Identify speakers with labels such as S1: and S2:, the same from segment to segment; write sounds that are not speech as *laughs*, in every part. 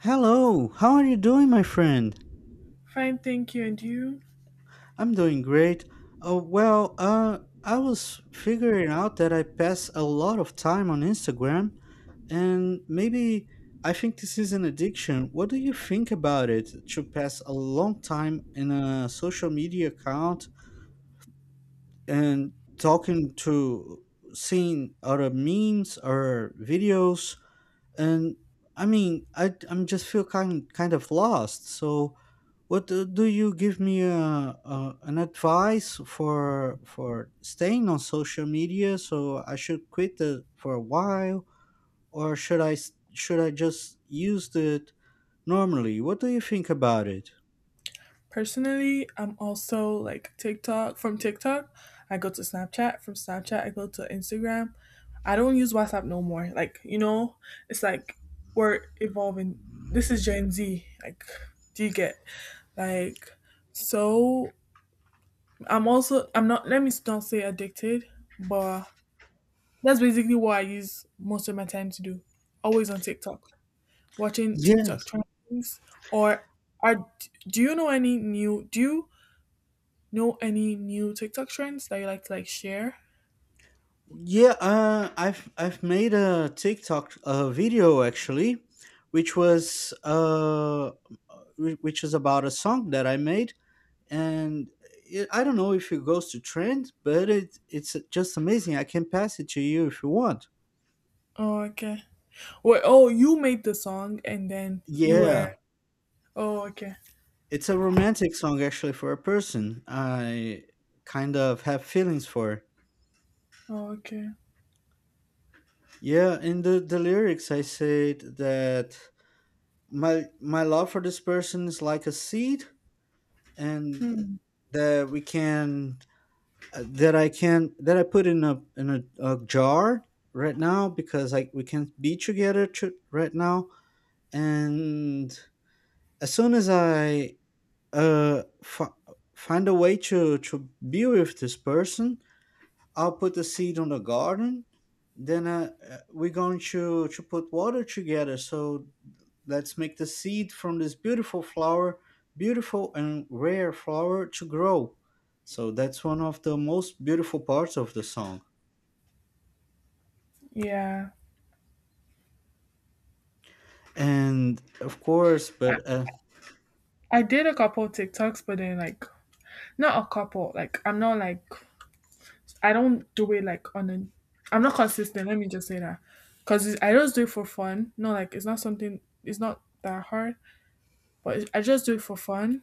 S1: Hello, how are you doing, my friend?
S2: Fine, thank you. And you?
S1: I'm doing great. I was figuring out that I pass a lot of time on Instagram, and maybe I think this is an addiction. What do you think about it to pass a long time in a social media account and talking to seeing other memes or videos? And I mean, I'm just feel kind of lost. So what, do you give me an advice for staying on social media? So I should quit it for a while, or should I just use it normally? What do you think about it?
S2: Personally, I'm also like TikTok. From TikTok, I go to Snapchat. From Snapchat, I go to Instagram. I don't use WhatsApp no more. Like, you know, it's like we're evolving. This is Gen Z. Like, do you get? Like, so I'm also, I'm not, let me not say addicted, but that's basically what I use most of my time to do. Always on TikTok, watching TikTok
S1: Yes.
S2: trends? Or are do you know any new do you know any new TikTok trends that you like to like share?
S1: Yeah, I've made a TikTok video actually, which which is about a song that I made, and it, I don't know if it goes to trend, but it's just amazing. I can pass it to you if you want.
S2: Oh, okay. Wait, oh, you made the song and then you
S1: Yeah,
S2: were? Oh, okay.
S1: it's a romantic song actually for a person I kind of have feelings for.
S2: Oh, okay.
S1: Yeah, in the lyrics I said that my love for this person is like a seed and
S2: Hmm.
S1: that we can, that I can, that I put in a a jar right now because like we can be together to, right now. And as soon as I uh fi- find a way to be with this person, I'll put a seed on the garden. Then, we're going to put water together, so let's make the seed from this beautiful flower, beautiful and rare flower, to grow. So that's one of the most beautiful parts of the song.
S2: Yeah.
S1: And of course, but
S2: I did a couple of TikToks, but then, like, not a couple. Like, I'm not like, I don't do it like on a, I'm not consistent, let me just say that. Cause I just do it for fun. No, like, it's not something, it's not that hard. But I just do it for fun.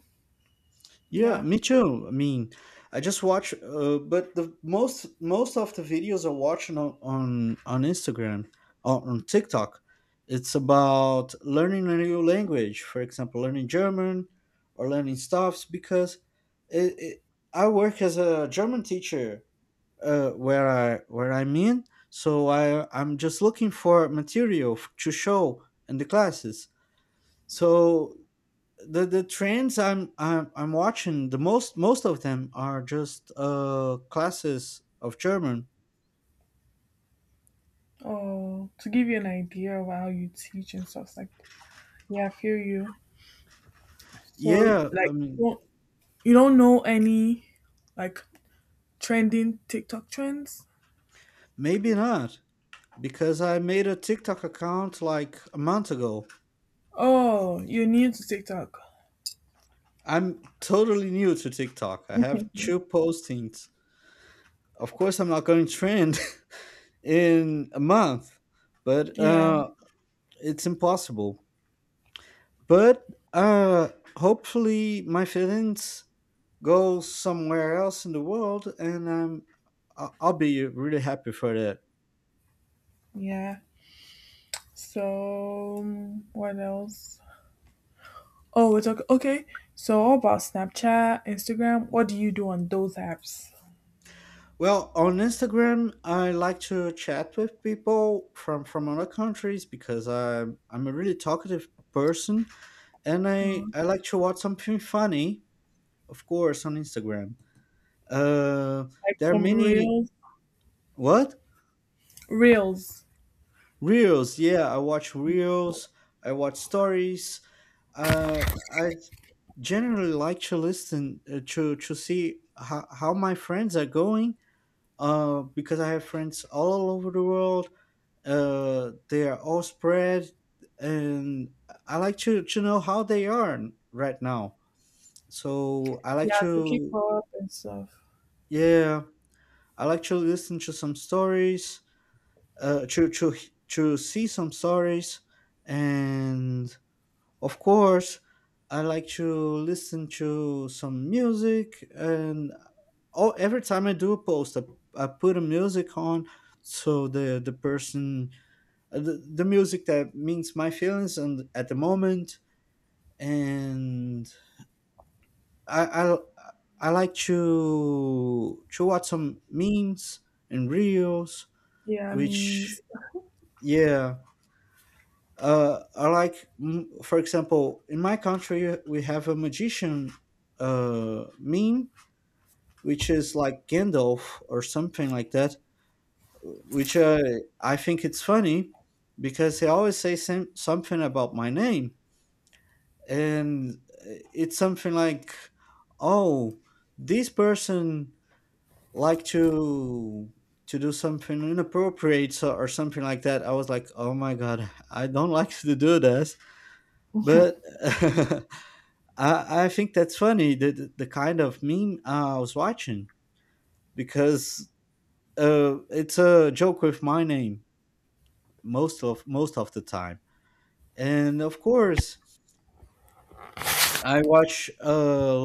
S1: yeah,
S2: Yeah.
S1: me too. I mean, I just watch, but the most of the videos I watch on on Instagram or on TikTok, it's about learning a new language. For example, learning German or learning stuffs because it, it, I work as a German teacher, where I, where I'm in. So I'm just looking for material to show in the classes. So the trends I'm watching, the most of them are just classes of German.
S2: Oh, to give you an idea of how you teach and stuff like that. Yeah, I feel you. So,
S1: Yeah, I
S2: like,
S1: mean
S2: you don't know any, like, trending TikTok trends?
S1: maybe not, because I made a TikTok account like a month ago.
S2: Oh, you're new to TikTok.
S1: I'm totally new to TikTok. I have two
S2: *laughs*
S1: postings. Of course, I'm not going to trend *laughs* in a month, but
S2: Yeah,
S1: it's impossible. But uh, hopefully, my feelings go somewhere else in the world, and I'll be really happy for that.
S2: yeah. So what else? Oh, we're talking, okay. So all about Snapchat, Instagram. What do you do on those apps?
S1: Well, on Instagram I like to chat with people from other countries, because I'm a really talkative person, and
S2: Um,
S1: I like to watch something funny. Of course, on Instagram, uh
S2: like
S1: there are
S2: some
S1: many,
S2: reels,
S1: what,
S2: reels.
S1: reels. Yeah, I watch reels, I watch stories. Uh I generally like to listen, to see how my friends are going, because I have friends all over the world. They are all spread, and I like to know how they are right now. So I like
S2: Yeah, to keep
S1: to,
S2: up and stuff.
S1: yeah, I like to listen to some stories, to to see some stories. And of course, I like to listen to some music, and oh, every time I do a post, I put a music on, so the person, uh, the, the music that means my feelings and at the moment. And I I, I like to watch some memes and reels,
S2: Yeah,
S1: which,
S2: memes.
S1: yeah, I like, for example, in my country, we have a magician, meme, which is like Gandalf or something like that, which, I think it's funny because he always says some, something about my name. And it's something like, oh, this person like to do something inappropriate so, or something like that. I was like, oh my God, I don't *laughs* like to do this, but *laughs* I think that's funny, the, the kind of meme, I was watching, because it's a joke with my name most of the time. And of course I watch a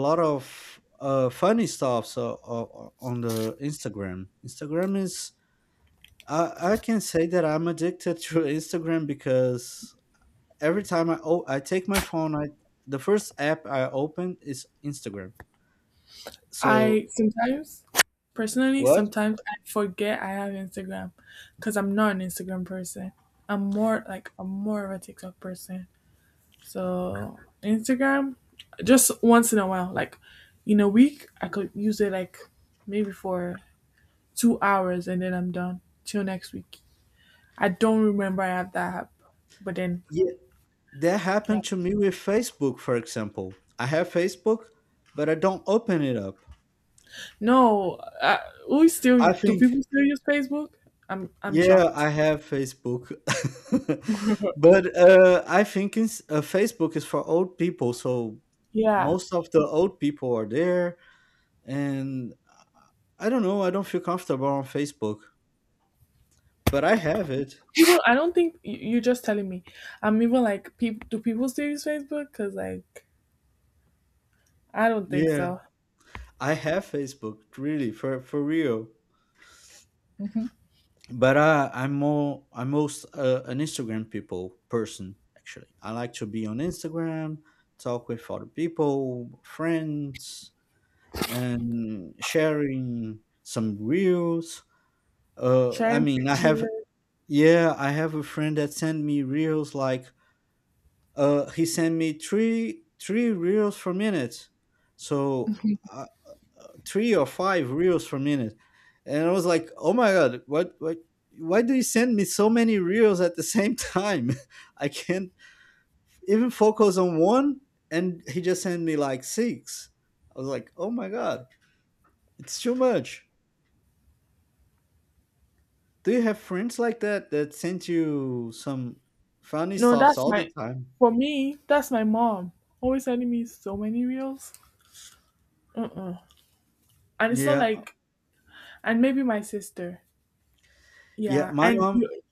S1: lot of, funny stuff so, on the Instagram. Instagram is, I can say that I'm addicted to Instagram because every time I take my phone, I, the first app I open is Instagram. So
S2: I sometimes, personally,
S1: what?
S2: sometimes I forget I have Instagram because I'm not an Instagram person. I'm more like, I'm more of a TikTok person. So Instagram, just once in a while, like in a week, I could use it like maybe for 2 hours and then I'm done till next week. I don't remember I have that app, but then
S1: Yeah, that
S2: yeah,
S1: happened to me with Facebook, for example. I have Facebook, but I don't open it up.
S2: no, we still
S1: I
S2: do,
S1: think,
S2: people still use Facebook? I'm
S1: yeah, I
S2: shocked. *laughs*
S1: have Facebook. *laughs* but I think it's, Facebook is for old people. So
S2: Yeah.
S1: most of the old people are there. And I don't know, I don't feel comfortable on Facebook, but I have it.
S2: Even I don't think, you're just telling me. I'm even like, people do, people still use Facebook? Because, like, I don't think
S1: Yeah,
S2: so.
S1: I have Facebook, really, for real.
S2: Hmm.
S1: But I'm more I'm most an Instagram people person actually. I like to be on Instagram, talk with other people, friends, and sharing some reels. I
S2: Sharing
S1: mean, I
S2: pictures.
S1: have, yeah, I have a friend that sent me reels like, he sent me three reels per minute. So I, three or five reels per minute, and I was like, oh my god, what, what. Why do you send me so many reels at the same time? *laughs* I can't even focus on one, and he just sent me like six. I was like, "Oh my god, it's too much." Do you have friends like that, that send you some funny
S2: No,
S1: stuffs
S2: that's
S1: all the
S2: my.
S1: time?
S2: For me, that's my mom. Always sending me so many reels. Uh-uh. And it's not
S1: Yeah,
S2: like, and maybe my sister.
S1: yeah.
S2: Yeah, and you.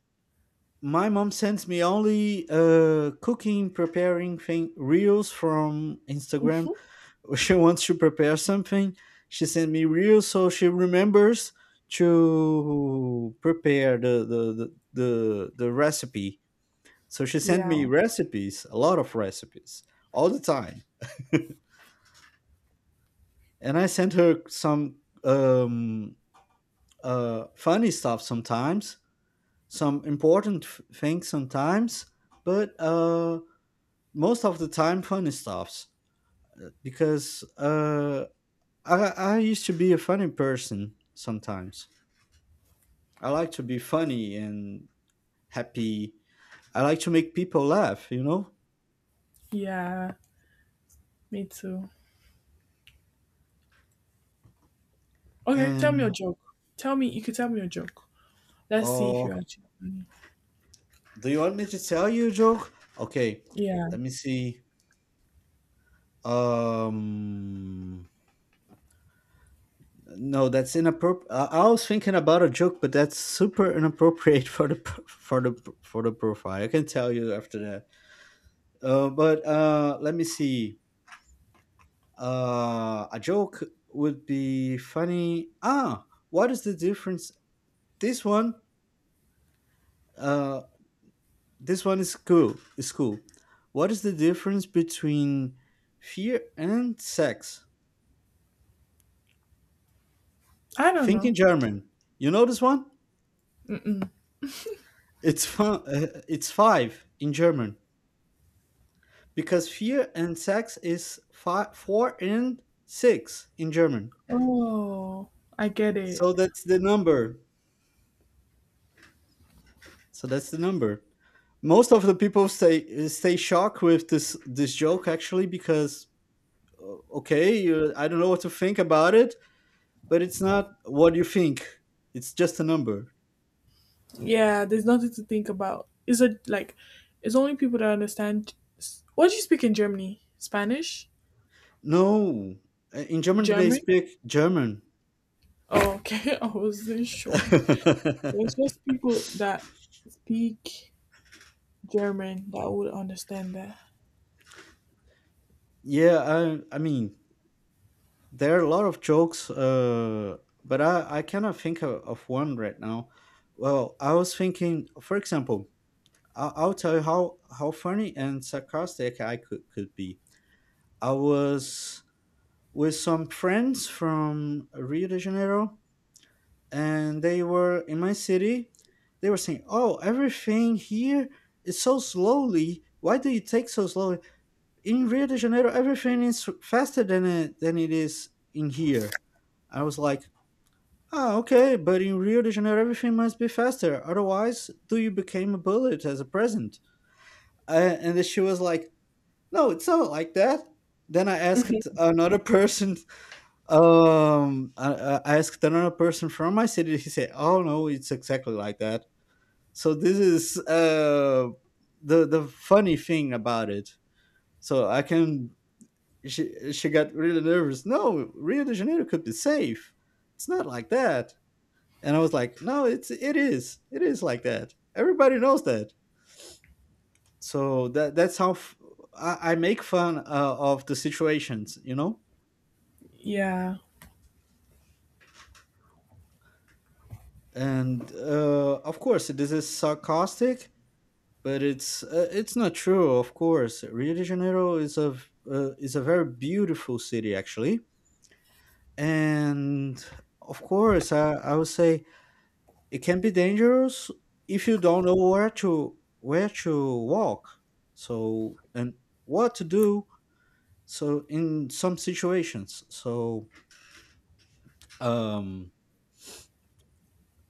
S1: My mom sends me only cooking preparing thing reels from Instagram.
S2: Mhm.
S1: *laughs* She wants to prepare something, she sent me reels so she remembers to prepare the recipe. So she sent
S2: Yeah,
S1: me recipes, a lot of recipes, all the time. *laughs* And I sent her some, funny stuff sometimes, some important things sometimes, but most of the time funny stuffs, because I I used to be a funny person sometimes. I like to be funny and happy. I like to make people laugh, you know.
S2: yeah, me too. Okay, tell me a
S1: And
S2: joke. Tell me, you could tell me a joke. Let's see if
S1: oh,
S2: you're actually funny.
S1: do you want me to tell you a joke? Okay,
S2: Yeah,
S1: let me see. Um, no, that's inappropriate. I was thinking about a joke, but that's super inappropriate *laughs* for the for the, for the profile. I can tell you after that. But let me see. A joke would be funny. Ah, what is the difference? This one, uh, this one is cool. Is cool. What is the difference between fear and sex?
S2: I don't
S1: Think in
S2: know.
S1: German. You know this one?
S2: Mm-mm.
S1: It's fun. It's five in German, because fear and sex is five, four and six in German.
S2: Oh, I get it.
S1: So that's the number. So that's the number. Most of the people stay shocked with this joke actually, because, okay, you, I don't know what to think about it, but it's not what you think, it's just a number.
S2: Yeah, there's nothing to think about. Is it like it's only people that understand? What do you speak in Germany? Spanish?
S1: No, in German they
S2: German?
S1: speak German.
S2: Oh, okay. *laughs* I wasn't sure.
S1: *laughs*
S2: There's just people that speak German that would understand that.
S1: Yeah, I mean, there are a lot of jokes, but I cannot think of one right now. Well, I was thinking, for example, I'll tell you how funny and sarcastic could be. I was with some friends from Rio de Janeiro, and they were in my city. They were saying, "Oh, everything here is so slowly. Why do you take so slowly? In Rio de Janeiro, everything is faster than than it is in here." I was like, "Ah, okay, but in Rio de Janeiro, everything must be faster. Otherwise, do you became a bullet as a present?" And then she was like, "No, it's not like that." Then I
S2: *laughs*
S1: asked another *laughs* person. I asked another person from my city. He said, "Oh no, it's exactly like that." So this is, the funny thing about it. So I can, she got really nervous. No, Rio de Janeiro could be safe. It's not like that. And I was like, "No, it's it is. It is like that. Everybody knows that." So that that's how f- I make fun, of the situations, you know.
S2: Yeah.
S1: And of course, this is sarcastic, but it's not true. Of course, Rio de Janeiro is a, is a very beautiful city actually. And of course, I would say it can be dangerous if you don't know where to walk, so, and what to do, so in some situations. So, um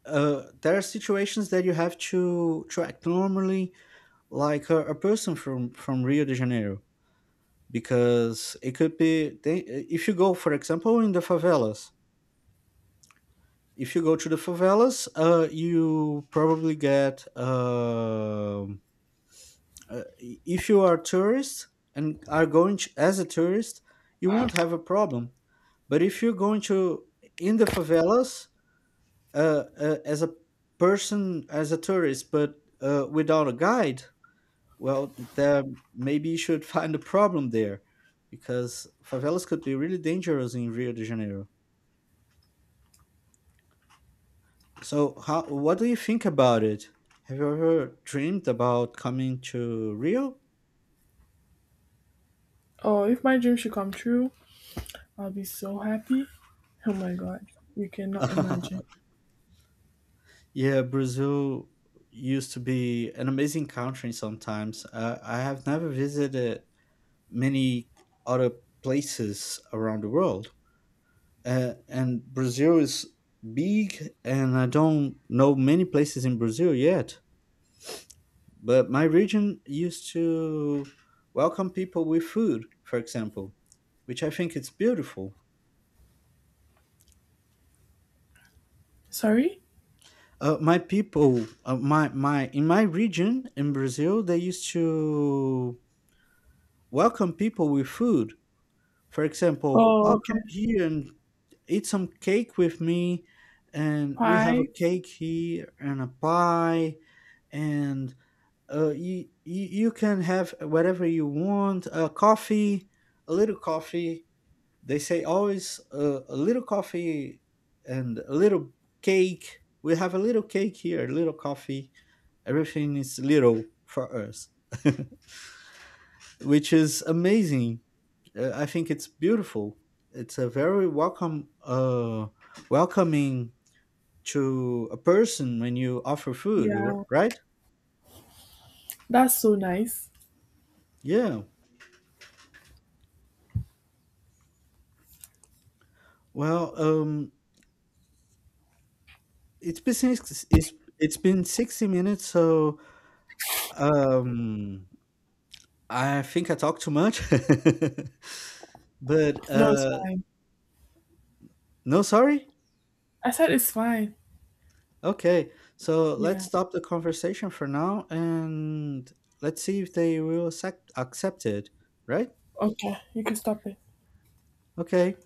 S1: there are situations that you have to act normally, like a person from Rio de Janeiro, because it could be they, if you go, for example, in the favelas, if you go to the favelas, you probably get, if you are tourist and are going to, as a tourist, you won't have a problem. But if you're going to in the favelas, as a person, as a tourist, but without a guide, well, there maybe you should *laughs* find a problem there, because favelas could be really dangerous in Rio de Janeiro. So, how, what do you think about it? Have you ever dreamed about coming to Rio?
S2: Oh, if my dream should come true, I'll be so happy. Oh my god. You cannot imagine.
S1: *laughs* Yeah, Brazil used to be an amazing country sometimes. I have never visited many other places around the world. And Brazil is big, and I don't know many places in Brazil yet. But my region used to welcome people with food, for example, which I think it's beautiful.
S2: Sorry?
S1: My people, my my In my region in Brazil, they used to welcome people with food. For example,
S2: Oh,
S1: oh, come
S2: okay.
S1: here and eat some cake with me, and we have a
S2: Pie?
S1: cake here and a pie, and, you, you can have whatever you want, a coffee, a little coffee. They say always, a little coffee and a little cake. We have a little cake here, a little coffee. Everything is little for us, which is amazing. I think it's beautiful. It's a very welcoming to a person when you offer food,
S2: Yeah.
S1: right?
S2: That's so nice.
S1: Yeah. Well, it's been six, it's it's been 60 minutes, so um, I think I talked too much. *laughs* But
S2: No, it's fine.
S1: no, sorry?
S2: I said it's fine.
S1: Okay. So let's
S2: Yeah.
S1: stop the conversation for now, and let's see if they will accept it, right?
S2: Okay, you can stop it.
S1: Okay.